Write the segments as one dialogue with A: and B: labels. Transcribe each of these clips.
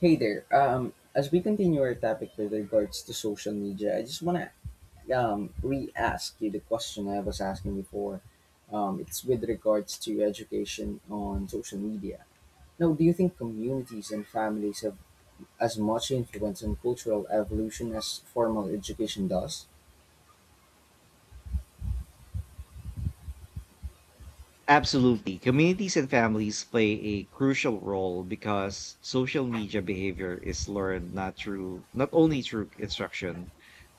A: Hey there. As we continue our topic with regards to social media, I just want to re ask you the question I was asking before. It's with regards to education on social media. Now, do you think communities and families have as much influence on cultural evolution as formal education does?
B: Absolutely. Communities and families play a crucial role because social media behavior is learned not only through instruction,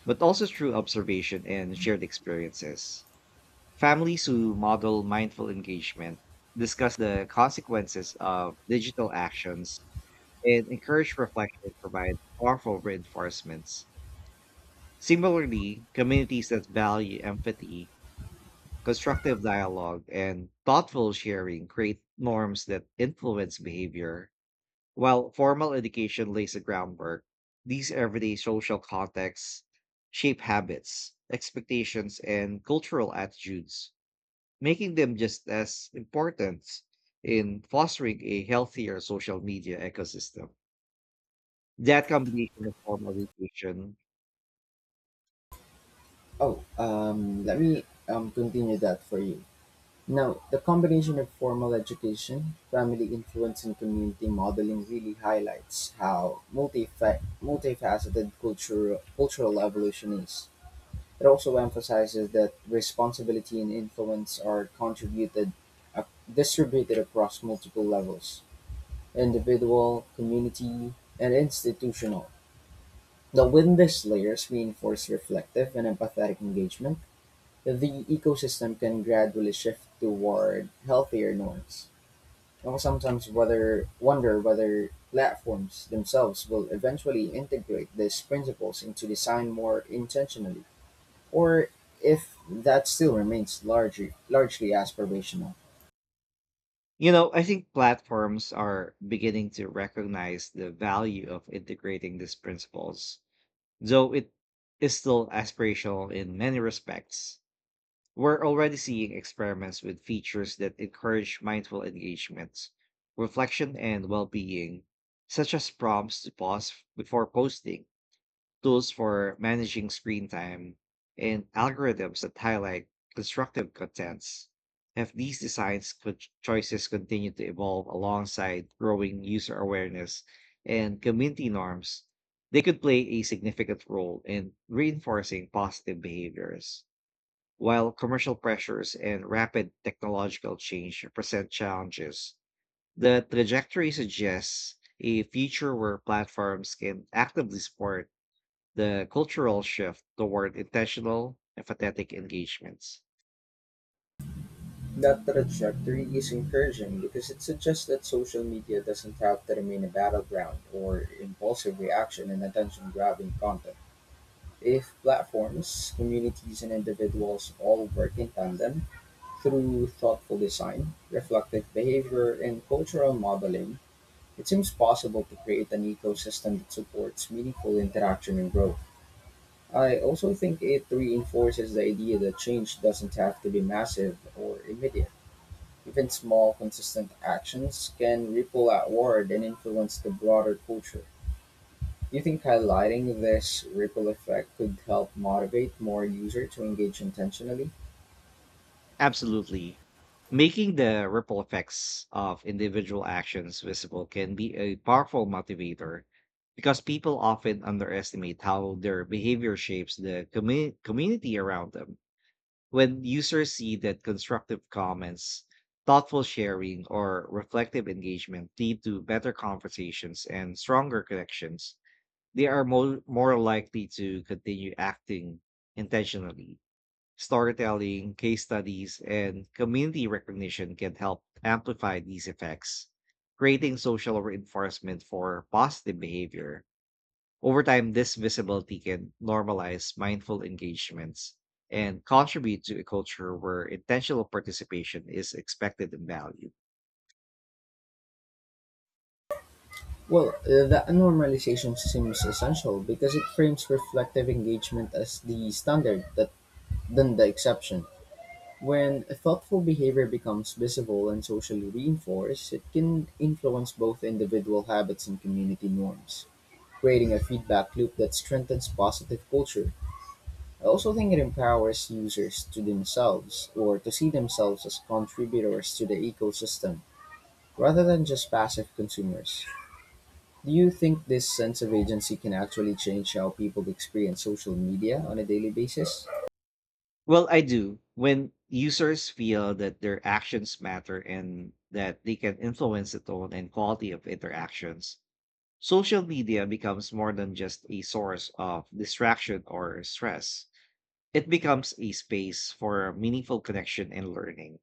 B: but also through observation and shared experiences. Families who model mindful engagement, discuss the consequences of digital actions, and encourage reflection provide powerful reinforcements. Similarly, communities that value empathy, constructive dialogue, and thoughtful sharing create norms that influence behavior. While formal education lays the groundwork, these everyday social contexts shape habits, expectations, and cultural attitudes, making them just as important in fostering a healthier social media ecosystem. That combination of formal education,
A: Oh, let me continue that for you. Now, the combination of formal education, family influence, and community modeling really highlights how multifaceted cultural evolution is. It also emphasizes that responsibility and influence are contributed, uh, distributed across multiple levels: individual, community, and institutional. Now, when these layers reinforce reflective and empathetic engagement, the ecosystem can gradually shift toward healthier norms. One sometimes wonder whether platforms themselves will eventually integrate these principles into design more intentionally, or if that still remains largely aspirational.
B: I think platforms are beginning to recognize the value of integrating these principles. Though it is still aspirational in many respects, we're already seeing experiments with features that encourage mindful engagement, reflection, and well being, such as prompts to pause before posting, tools for managing screen time, and algorithms that highlight constructive contents. If these choices continue to evolve alongside growing user awareness and community norms, they could play a significant role in reinforcing positive behaviors. While commercial pressures and rapid technological change present challenges, the trajectory suggests a future where platforms can actively support the cultural shift toward intentional, empathetic engagements.
A: That trajectory is encouraging because it suggests that social media doesn't have to remain a battleground or impulsive reaction and attention grabbing content. If platforms, communities, and individuals all work in tandem, through thoughtful design, reflective behavior, and cultural modeling, it seems possible to create an ecosystem that supports meaningful interaction and growth. I also think it reinforces the idea that change doesn't have to be massive or immediate. Even small, consistent actions can ripple outward and influence the broader culture. Do you think highlighting this ripple effect could help motivate more users to engage intentionally?
B: Absolutely. Making the ripple effects of individual actions visible can be a powerful motivator because people often underestimate how their behavior shapes the community around them. When users see that constructive comments, thoughtful sharing, or reflective engagement lead to better conversations and stronger connections, they are more likely to continue acting intentionally. Storytelling, case studies, and community recognition can help amplify these effects, creating social reinforcement for positive behavior. Over time, this visibility can normalize mindful engagements and contribute to a culture where intentional participation is expected and valued.
A: Well, that normalization seems essential because it frames reflective engagement as the standard than the exception. When a thoughtful behavior becomes visible and socially reinforced, it can influence both individual habits and community norms, creating a feedback loop that strengthens positive culture. I also think it empowers users to themselves or to see themselves as contributors to the ecosystem rather than just passive consumers. Do you think this sense of agency can actually change how people experience social media on a daily basis?
B: Well, I do. When users feel that their actions matter and that they can influence the tone and quality of interactions, social media becomes more than just a source of distraction or stress. It becomes a space for meaningful connection and learning.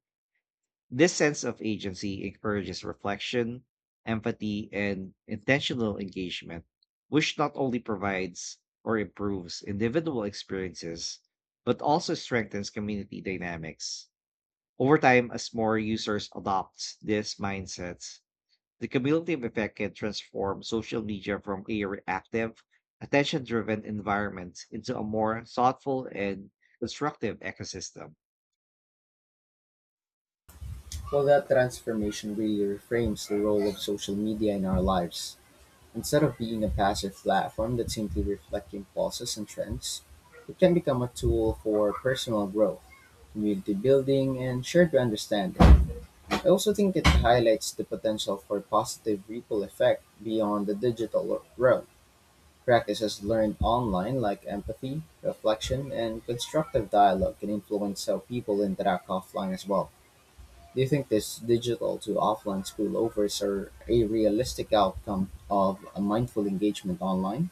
B: This sense of agency encourages reflection, empathy, and intentional engagement, which not only provides or improves individual experiences, but also strengthens community dynamics. Over time, as more users adopt this mindset, the cumulative effect can transform social media from a reactive, attention driven environment into a more thoughtful and constructive ecosystem.
A: Well, that transformation really reframes the role of social media in our lives. Instead of being a passive platform that simply reflects impulses and trends, it can become a tool for personal growth, community building, and shared understanding. I also think it highlights the potential for positive ripple effect beyond the digital realm. Practices learned online like empathy, reflection, and constructive dialogue can influence how people interact offline as well. Do you think this digital to offline spillovers are a realistic outcome of a mindful engagement online?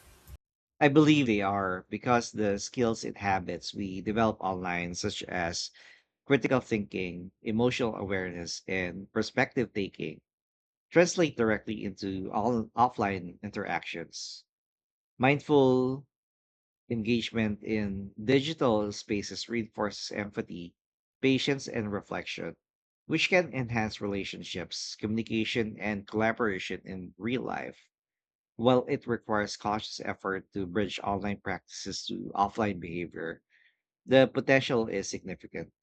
B: I believe they are because the skills and habits we develop online, such as critical thinking, emotional awareness, and perspective taking, translate directly into all offline interactions. Mindful engagement in digital spaces reinforces empathy, patience, and reflection, which can enhance relationships, communication, and collaboration in real life. While it requires cautious effort to bridge online practices to offline behavior, the potential is significant.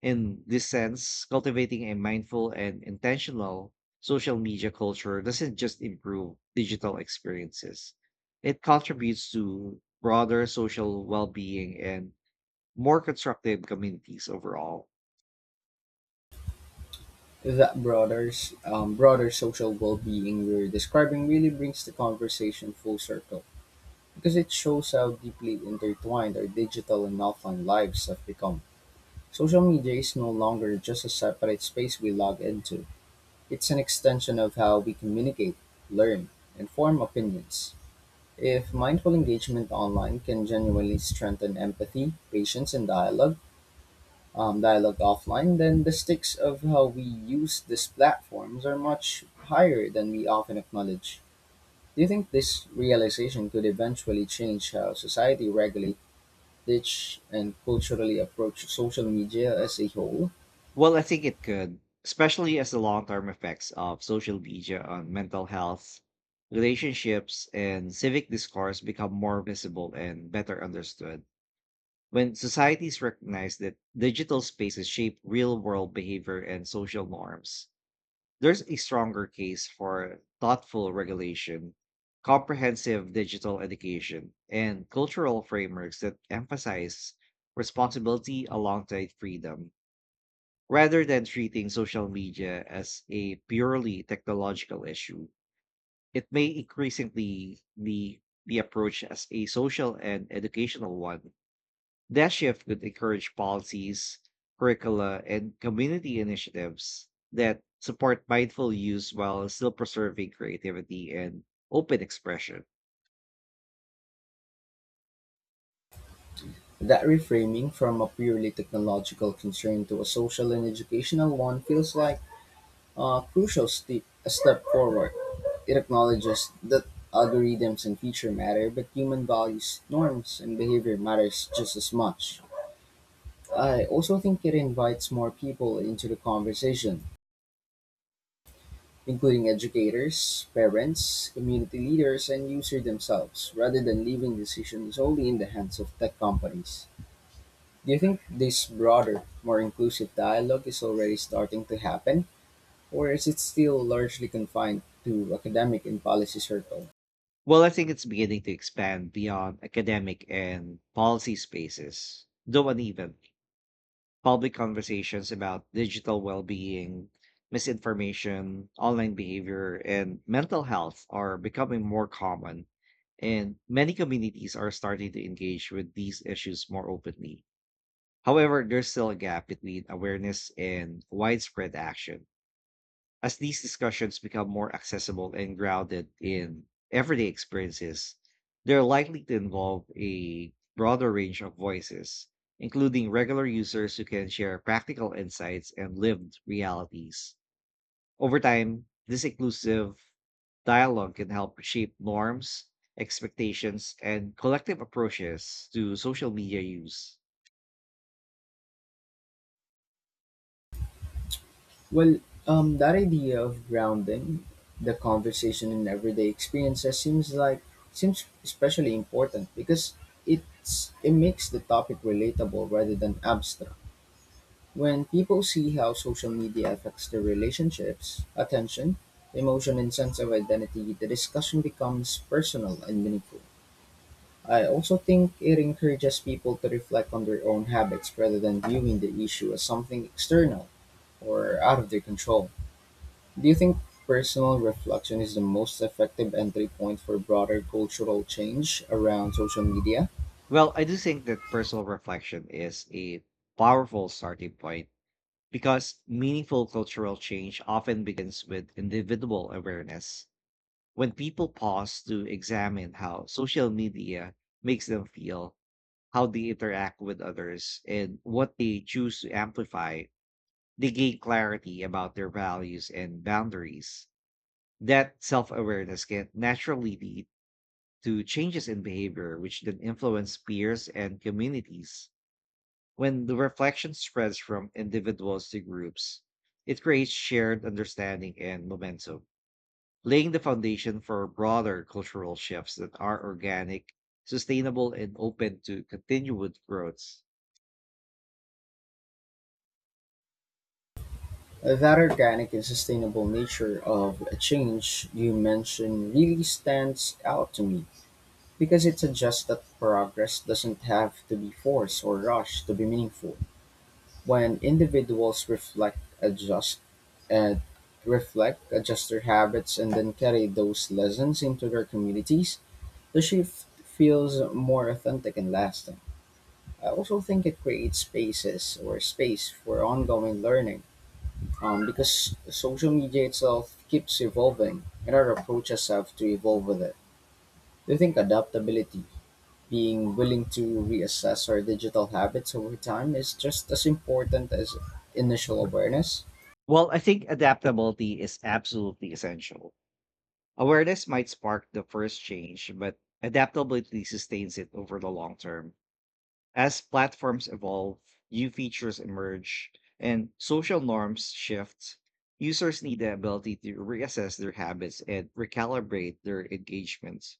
B: In this sense, cultivating a mindful and intentional social media culture doesn't just improve digital experiences, it contributes to broader social well being and more constructive communities overall.
A: That broader social well-being you're describing really brings the conversation full circle because it shows how deeply intertwined our digital and offline lives have become. Social media is no longer just a separate space we log into. It's an extension of how we communicate, learn, and form opinions. If mindful engagement online can genuinely strengthen empathy, patience, and dialogue offline, then the stakes of how we use these platforms are much higher than we often acknowledge. Do you think this realization could eventually change how society regulate, teach, and culturally approach social media as a whole?
B: Well, I think it could, especially as the long term effects of social media on mental health, relationships, and civic discourse become more visible and better understood. When societies recognize that digital spaces shape real world behavior and social norms, there's a stronger case for thoughtful regulation, comprehensive digital education, and cultural frameworks that emphasize responsibility alongside freedom. Rather than treating social media as a purely technological issue, it may increasingly be approached as a social and educational one. That shift could encourage policies, curricula, and community initiatives that support mindful use while still preserving creativity and open expression.
A: That reframing from a purely technological concern to a social and educational one feels like a a step forward. It acknowledges that algorithms and feature matter, but human values, norms, and behavior matters just as much. I also think it invites more people into the conversation, including educators, parents, community leaders, and users themselves, rather than leaving decisions solely in the hands of tech companies. Do you think this broader, more inclusive dialogue is already starting to happen, or is it still largely confined to academic and policy circles?
B: Well, I think it's beginning to expand beyond academic and policy spaces, though uneven. Public conversations about digital well being, misinformation, online behavior, and mental health are becoming more common, and many communities are starting to engage with these issues more openly. However, there's still a gap between awareness and widespread action. As these discussions become more accessible and grounded in everyday experiences, they're likely to involve a broader range of voices, including regular users who can share practical insights and lived realities. Over time, this inclusive dialogue can help shape norms, expectations, and collective approaches to social media use.
A: Well, that idea of grounding the conversation in everyday experiences seems especially important because it makes the topic relatable rather than abstract. When people see how social media affects their relationships, attention, emotion, and sense of identity, the discussion becomes personal and meaningful. I also think it encourages people to reflect on their own habits rather than viewing the issue as something external or out of their control. Do you think personal reflection is the most effective entry point for broader cultural change around social media?
B: Well, I do think that personal reflection is a powerful starting point, because meaningful cultural change often begins with individual awareness. When people pause to examine how social media makes them feel, how they interact with others, and what they choose to amplify, they gain clarity about their values and boundaries. That self awareness can naturally lead to changes in behavior, which then influence peers and communities. When the reflection spreads from individuals to groups, it creates shared understanding and momentum, laying the foundation for broader cultural shifts that are organic, sustainable, and open to continued growth.
A: That organic and sustainable nature of a change you mentioned really stands out to me because it suggests that progress doesn't have to be forced or rushed to be meaningful. When individuals and reflect, adjust their habits, and then carry those lessons into their communities, the shift feels more authentic and lasting. I also think it creates space for ongoing learning because social media itself keeps evolving and our approaches have to evolve with it. Do you think adaptability, being willing to reassess our digital habits over time, is just as important as initial awareness?
B: Well, I think adaptability is absolutely essential. Awareness might spark the first change, but adaptability sustains it over the long term. As platforms evolve, new features emerge, and social norms shift, users need the ability to reassess their habits and recalibrate their engagements.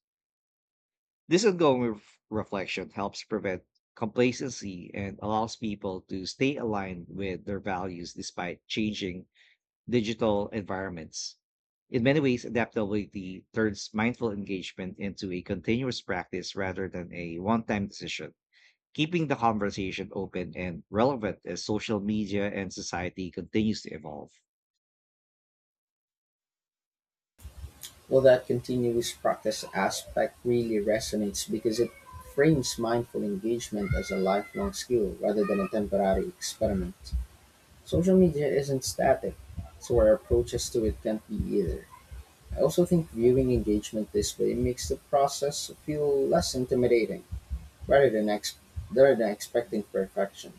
B: This ongoing reflection helps prevent complacency and allows people to stay aligned with their values despite changing digital environments. In many ways, adaptability turns mindful engagement into a continuous practice rather than a one time decision, keeping the conversation open and relevant as social media and society continues to evolve.
A: Well, that continuous practice aspect really resonates because it frames mindful engagement as a lifelong skill rather than a temporary experiment. Social media isn't static, so our approaches to it can't be either. I also think viewing engagement this way makes the process feel less intimidating rather rather than expecting perfection.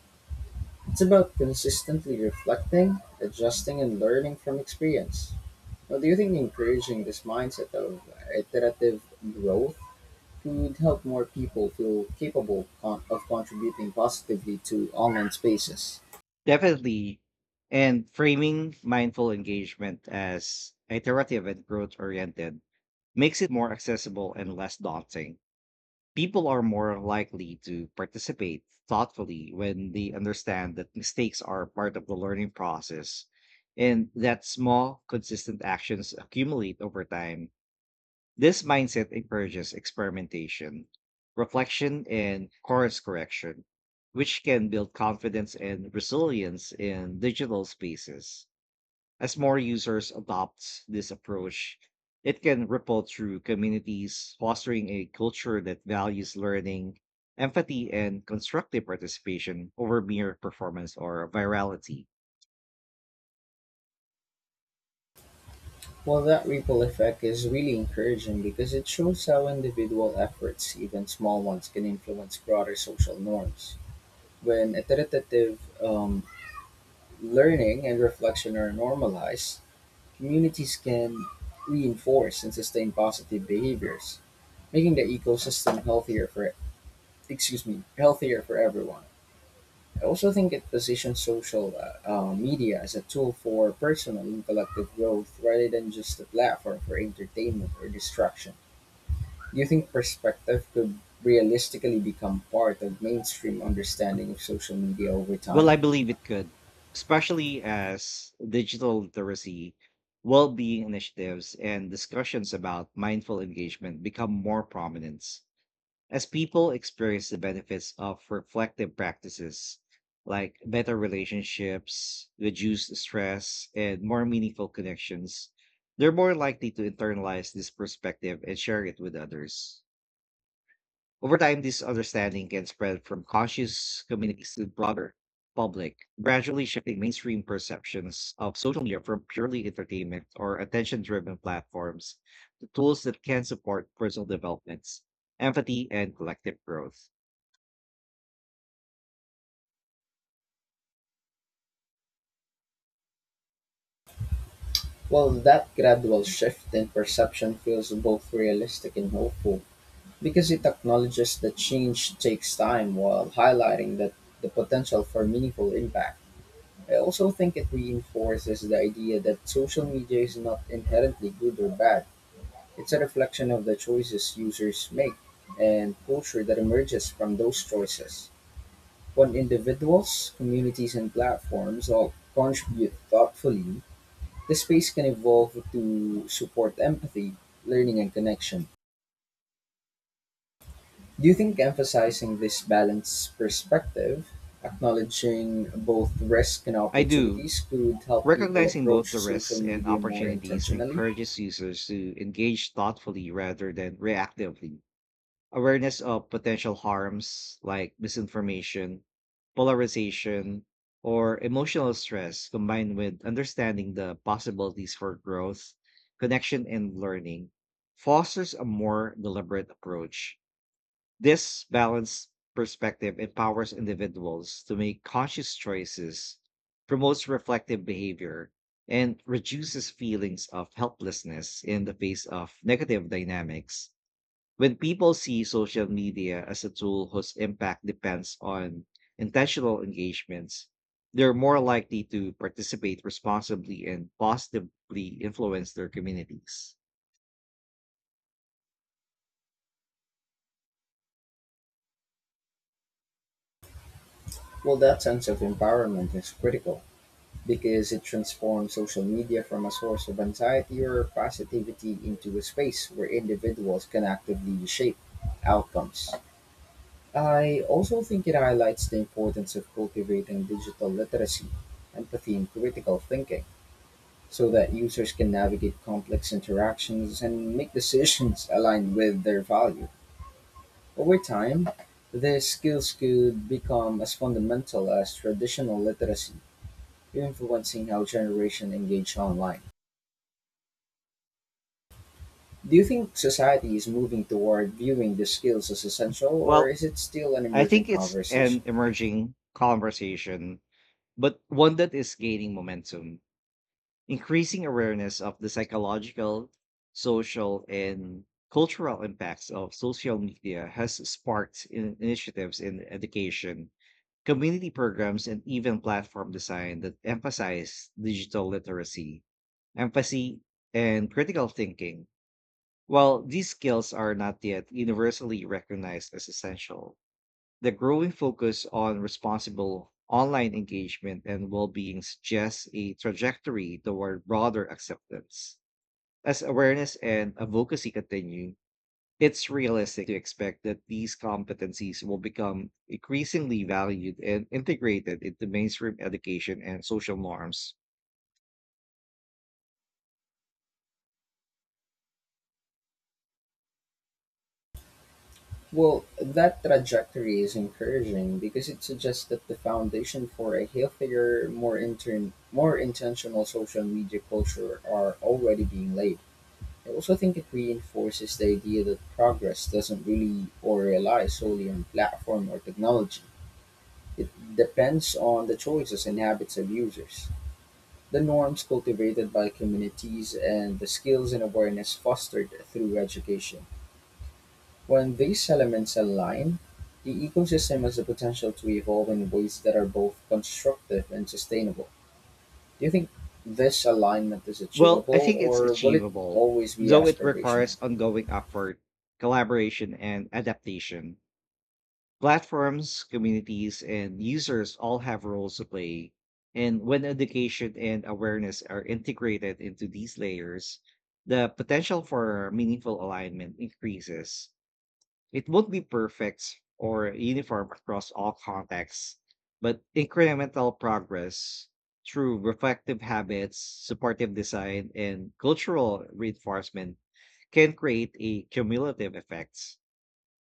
A: It's about consistently reflecting, adjusting, and learning from experience. Well, do you think encouraging this mindset of iterative growth could help more people feel of contributing positively to online spaces?
B: Definitely. And framing mindful engagement as iterative and growth oriented makes it more accessible and less daunting. People are more likely to participate thoughtfully when they understand that mistakes are part of the learning process and that small, consistent actions accumulate over time. This mindset encourages experimentation, reflection, and course correction, which can build confidence and resilience in digital spaces. As more users adopt this approach, it can ripple through communities, fostering a culture that values learning, empathy, and constructive participation over mere performance or virality.
A: Well, that ripple effect is really encouraging because it shows how individual efforts, even small ones, can influence broader social norms. When iterative learning and reflection are normalized, communities can reinforce and sustain positive behaviors, making the ecosystem healthier for excuse me, healthier for everyone. I also think it positions social media as a tool for personal and collective growth rather than just a platform for entertainment or distraction. Do you think perspective could realistically become part of mainstream understanding of social media over
B: Well, I
A: time?
B: believe it could, especially as digital literacy, well being initiatives, and discussions about mindful engagement become more prominent. As people experience the benefits of reflective practices like better relationships, reduced stress, and more meaningful connections, they're more likely to internalize this perspective and share it with others. Over time, this understanding can spread from conscious communities to the broader public, gradually shifting mainstream perceptions of social media from purely entertainment or attention driven platforms to tools that can support personal developments, empathy, and collective growth.
A: Well, that gradual shift in perception feels both realistic and hopeful because it acknowledges that change takes time while highlighting that the potential for meaningful impact. I also think it reinforces the idea that social media is not inherently good or bad. It's a reflection of the choices users make and culture that emerges from those choices. When individuals, communities, and platforms all contribute thoughtfully, the space can evolve to support empathy, learning, and connection. Do you think emphasizing this balanced perspective, acknowledging both risk and
B: I do.
A: opportunities, could help people
B: Recognizing
A: approach
B: both the risks
A: social
B: and
A: media more
B: opportunities
A: intentionally?
B: encourages users to engage thoughtfully rather than reactively. Awareness of potential harms like misinformation, polarization, or emotional stress, combined with understanding the possibilities for growth, connection, and learning, fosters a more deliberate approach. This balanced perspective empowers individuals to make conscious choices, promotes reflective behavior, and reduces feelings of helplessness in the face of negative dynamics. When people see social media as a tool whose impact depends on intentional engagements, they're more likely to participate responsibly and positively influence their communities.
A: Well, that sense of empowerment is critical because it transforms social media from a source of anxiety or positivity into a space where individuals can actively shape outcomes. I also think it highlights the importance of cultivating digital literacy, empathy, and critical thinking so that users can navigate complex interactions and make decisions aligned with their value. Over time, these skills could become as fundamental as traditional literacy, influencing how generations engage online. Do you think society is moving toward viewing these skills as essential, or
B: Well,
A: is it still an
B: I
A: emerging
B: think it's an
A: conversation?
B: emerging conversation, but one that is gaining momentum. Increasing awareness of the psychological, social, and cultural impacts of social media has sparked initiatives in education, community programs, and even platform design that emphasize digital literacy, empathy, and critical thinking. While these skills are not yet universally recognized as essential, the growing focus on responsible online engagement and well being suggests a trajectory toward broader acceptance. As awareness and advocacy continue, it's realistic to expect that these competencies will become increasingly valued and integrated into mainstream education and social norms.
A: Well, that trajectory is encouraging because it suggests that the foundation for a healthier, more intentional social media culture are already being laid. I also think it reinforces the idea that progress doesn't really or rely solely on platform or technology. It depends on the choices and habits of users, the norms cultivated by communities, and the skills and awareness fostered through education. When these elements align, the ecosystem has the potential to evolve in ways that are both constructive and sustainable. Do you think this alignment is
B: Well, I
A: achievable,
B: think it's
A: or will it
B: achievable,
A: always be
B: though it
A: aspirational?
B: requires ongoing effort, collaboration, and adaptation. Platforms, communities, and users all have roles to play. And when education and awareness are integrated into these layers, the potential for meaningful alignment increases. It won't be perfect or uniform across all contexts, but incremental progress through reflective habits, supportive design, and cultural reinforcement can create a cumulative effect.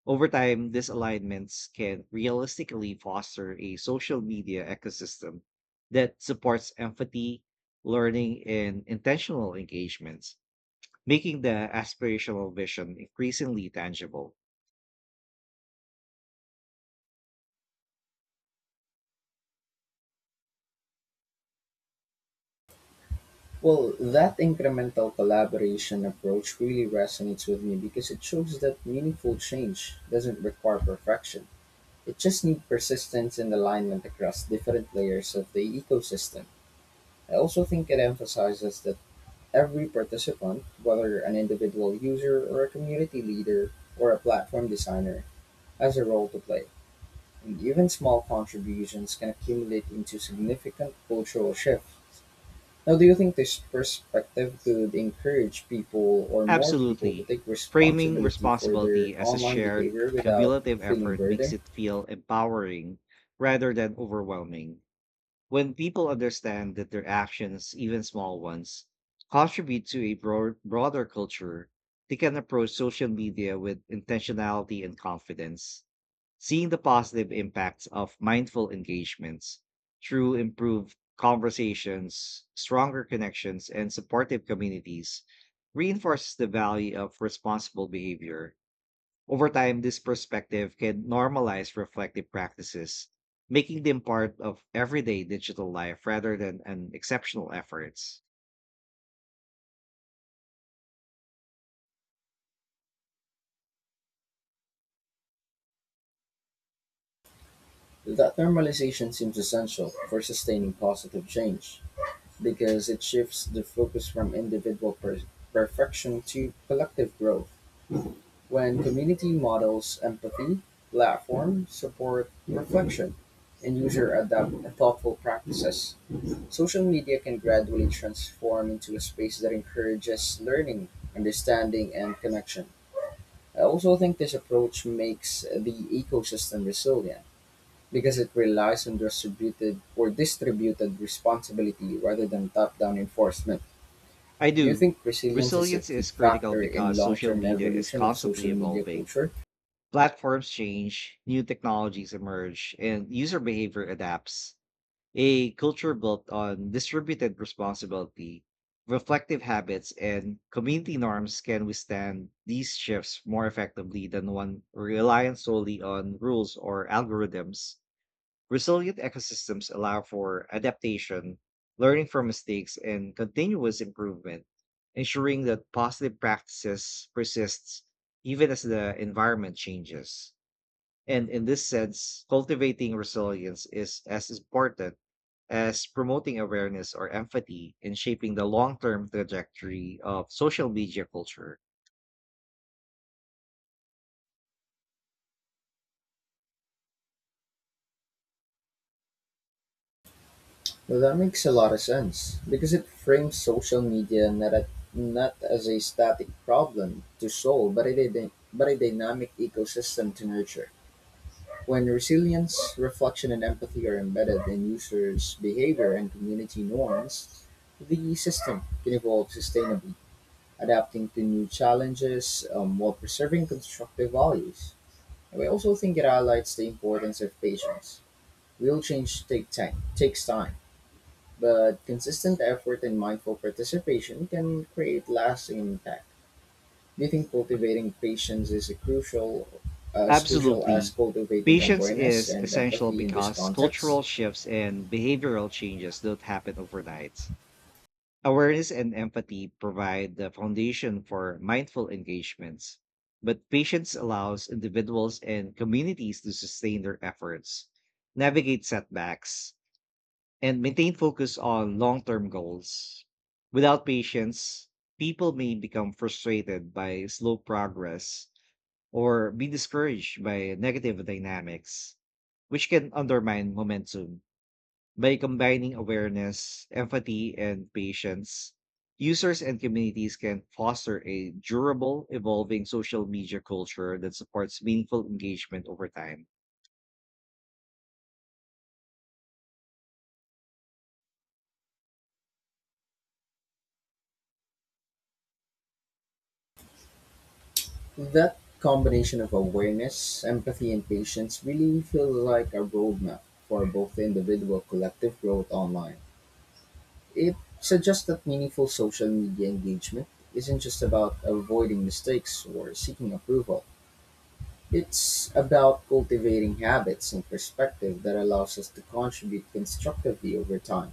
B: Over time, these alignments can realistically foster a social media ecosystem that supports empathy, learning, and intentional engagements, making the aspirational vision increasingly tangible.
A: Well, that incremental collaboration approach really resonates with me because it shows that meaningful change doesn't require perfection. It just needs persistence and alignment across different layers of the ecosystem. I also think it emphasizes that every participant, whether an individual user or a community leader or a platform designer, has a role to play, and even small contributions can accumulate into significant cultural shifts. Now, do you think this perspective could encourage people or more people to
B: Absolutely.
A: take
B: Framing
A: responsibility for their
B: responsibility as a
A: online
B: shared
A: behavior without
B: cumulative
A: feeling
B: effort makes
A: burdened?
B: it feel empowering rather than overwhelming. When people understand that their actions, even small ones, contribute to a broader culture, they can approach social media with intentionality and confidence. Seeing the positive impacts of mindful engagements through improved conversations, stronger connections, and supportive communities reinforces the value of responsible behavior. Over time, this perspective can normalize reflective practices, making them part of everyday digital life rather than an exceptional efforts.
A: That normalization seems essential for sustaining positive change, because it shifts the focus from perfection to collective growth. When community models empathy, platform, support, reflection, and user adopt thoughtful practices, social media can gradually transform into a space that encourages learning, understanding, and connection. I also think this approach makes the ecosystem resilient because it relies on distributed responsibility rather than top-down enforcement.
B: I
A: Do you
B: do.
A: think resilience is a
B: Resilience
A: key
B: is critical
A: factor in
B: because social
A: long-term
B: media is
A: evolution of social
B: constantly
A: media
B: evolving.
A: culture?
B: Platforms change, new technologies emerge, and user behavior adapts. A culture built on distributed responsibility, reflective habits, and community norms can withstand these shifts more effectively than one reliant solely on rules or algorithms. Resilient ecosystems allow for adaptation, learning from mistakes, and continuous improvement, ensuring that positive practices persists even as the environment changes. And in this sense, cultivating resilience is as important as promoting awareness or empathy in shaping the long term trajectory of social media culture.
A: Well, that makes a lot of sense because it frames social media not as a static problem to solve, but a but a dynamic ecosystem to nurture. When resilience, reflection, and empathy are embedded in users' behavior and community norms, the system can evolve sustainably, adapting to new challenges while preserving constructive values. And we also think it highlights the importance of patience. Real change takes time, but consistent effort and mindful participation can create lasting impact. Do you think cultivating patience is as crucial as
B: Absolutely.
A: cultivating
B: Patience
A: awareness
B: is
A: and
B: essential
A: empathy in this
B: because
A: context?
B: cultural shifts and behavioral changes don't happen overnight. Awareness and empathy provide the foundation for mindful engagements, but patience allows individuals and communities to sustain their efforts, navigate setbacks, and maintain focus on long term goals. Without patience, people may become frustrated by slow progress or be discouraged by negative dynamics, which can undermine momentum. By combining awareness, empathy, and patience, users and communities can foster a durable, evolving social media culture that supports meaningful engagement over time.
A: That combination of awareness, empathy, and patience really feels like a roadmap for both the individual collective growth online. It suggests that meaningful social media engagement isn't just about avoiding mistakes or seeking approval. It's about cultivating habits and perspective that allows us to contribute constructively over time.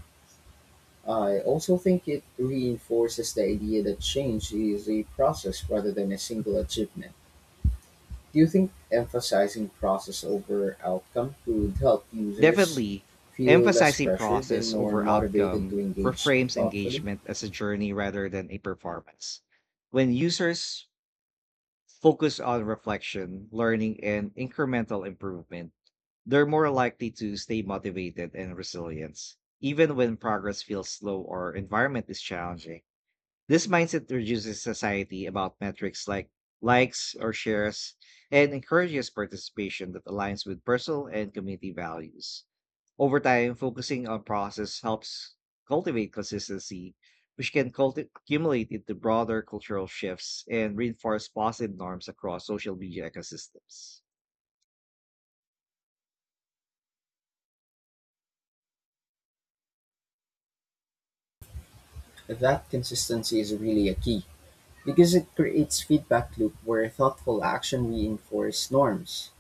A: I also think it reinforces the idea that change is a process rather than a single achievement. Do you think emphasizing process over outcome could help users
B: Definitely,
A: feel less
B: emphasizing
A: pressured and
B: process
A: more
B: over
A: motivated to
B: outcome
A: engage
B: reframes
A: thoughtfully?
B: engagement as a journey rather than a performance. When users focus on reflection, learning, and incremental improvement, they're more likely to stay motivated and resilient, even when progress feels slow or environment is challenging. This mindset reduces society about metrics like likes or shares, and encourages participation that aligns with personal and community values. Over time, focusing on process helps cultivate consistency, which can accumulate into broader cultural shifts and reinforce positive norms across social media ecosystems.
A: That consistency is really a key because it creates feedback loop where thoughtful action reinforce norms,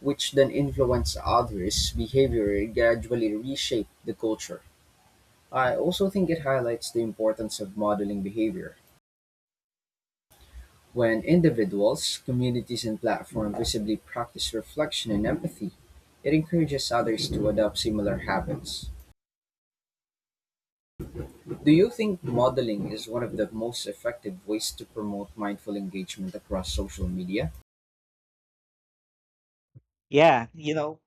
A: which then influence others' behavior and gradually reshape the culture. I also think it highlights the importance of modeling behavior. When individuals, communities, and platforms visibly practice reflection and empathy, it encourages others to adopt similar habits. Do you think modeling is one of the most effective ways to promote mindful engagement across social media?
B: Yeah, you know,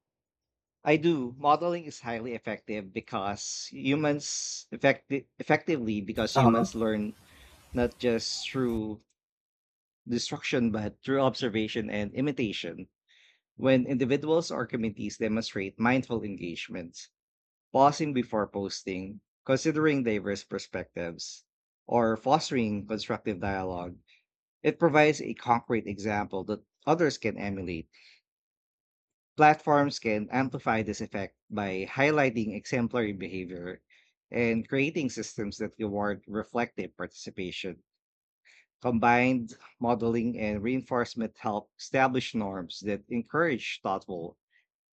B: I do. Modeling is highly effective because humans effecti- effectively because
A: Uh-huh.
B: humans learn not just through destruction but through observation and imitation. When individuals or communities demonstrate mindful engagement, pausing before posting, considering diverse perspectives, or fostering constructive dialogue, it provides a concrete example that others can emulate. Platforms can amplify this effect by highlighting exemplary behavior and creating systems that reward reflective participation. Combined modeling and reinforcement help establish norms that encourage thoughtful,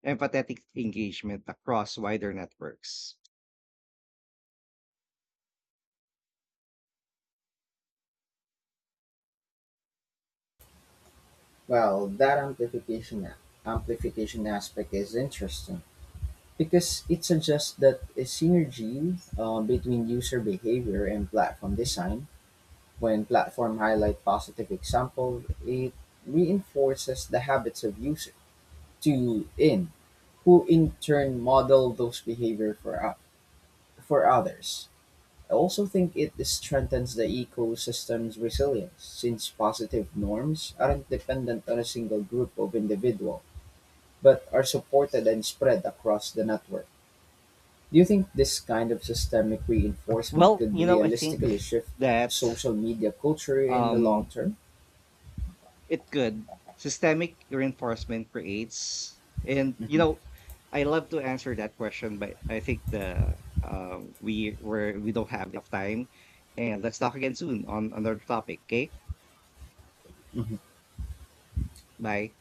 B: empathetic engagement across wider networks.
A: Well, that amplification aspect is interesting because it suggests that a synergy between user behavior and platform design. When platform highlight positive example, it reinforces the habits of to in, who in turn model those behavior for others. I also think it strengthens the ecosystem's resilience, since positive norms aren't dependent on a single group of individual, but are supported and spread across the network. Do you think this kind of systemic reinforcement
B: Well,
A: could
B: you know, I
A: realistically
B: think
A: shift
B: that
A: social media culture in the long
B: um
A: term?
B: it could. Systemic reinforcement creates, and
A: Mhm.
B: I love to answer that question, but I think the we were we don't have enough time. And let's talk again soon on another topic. Okay?
A: Mhm.
B: Bye.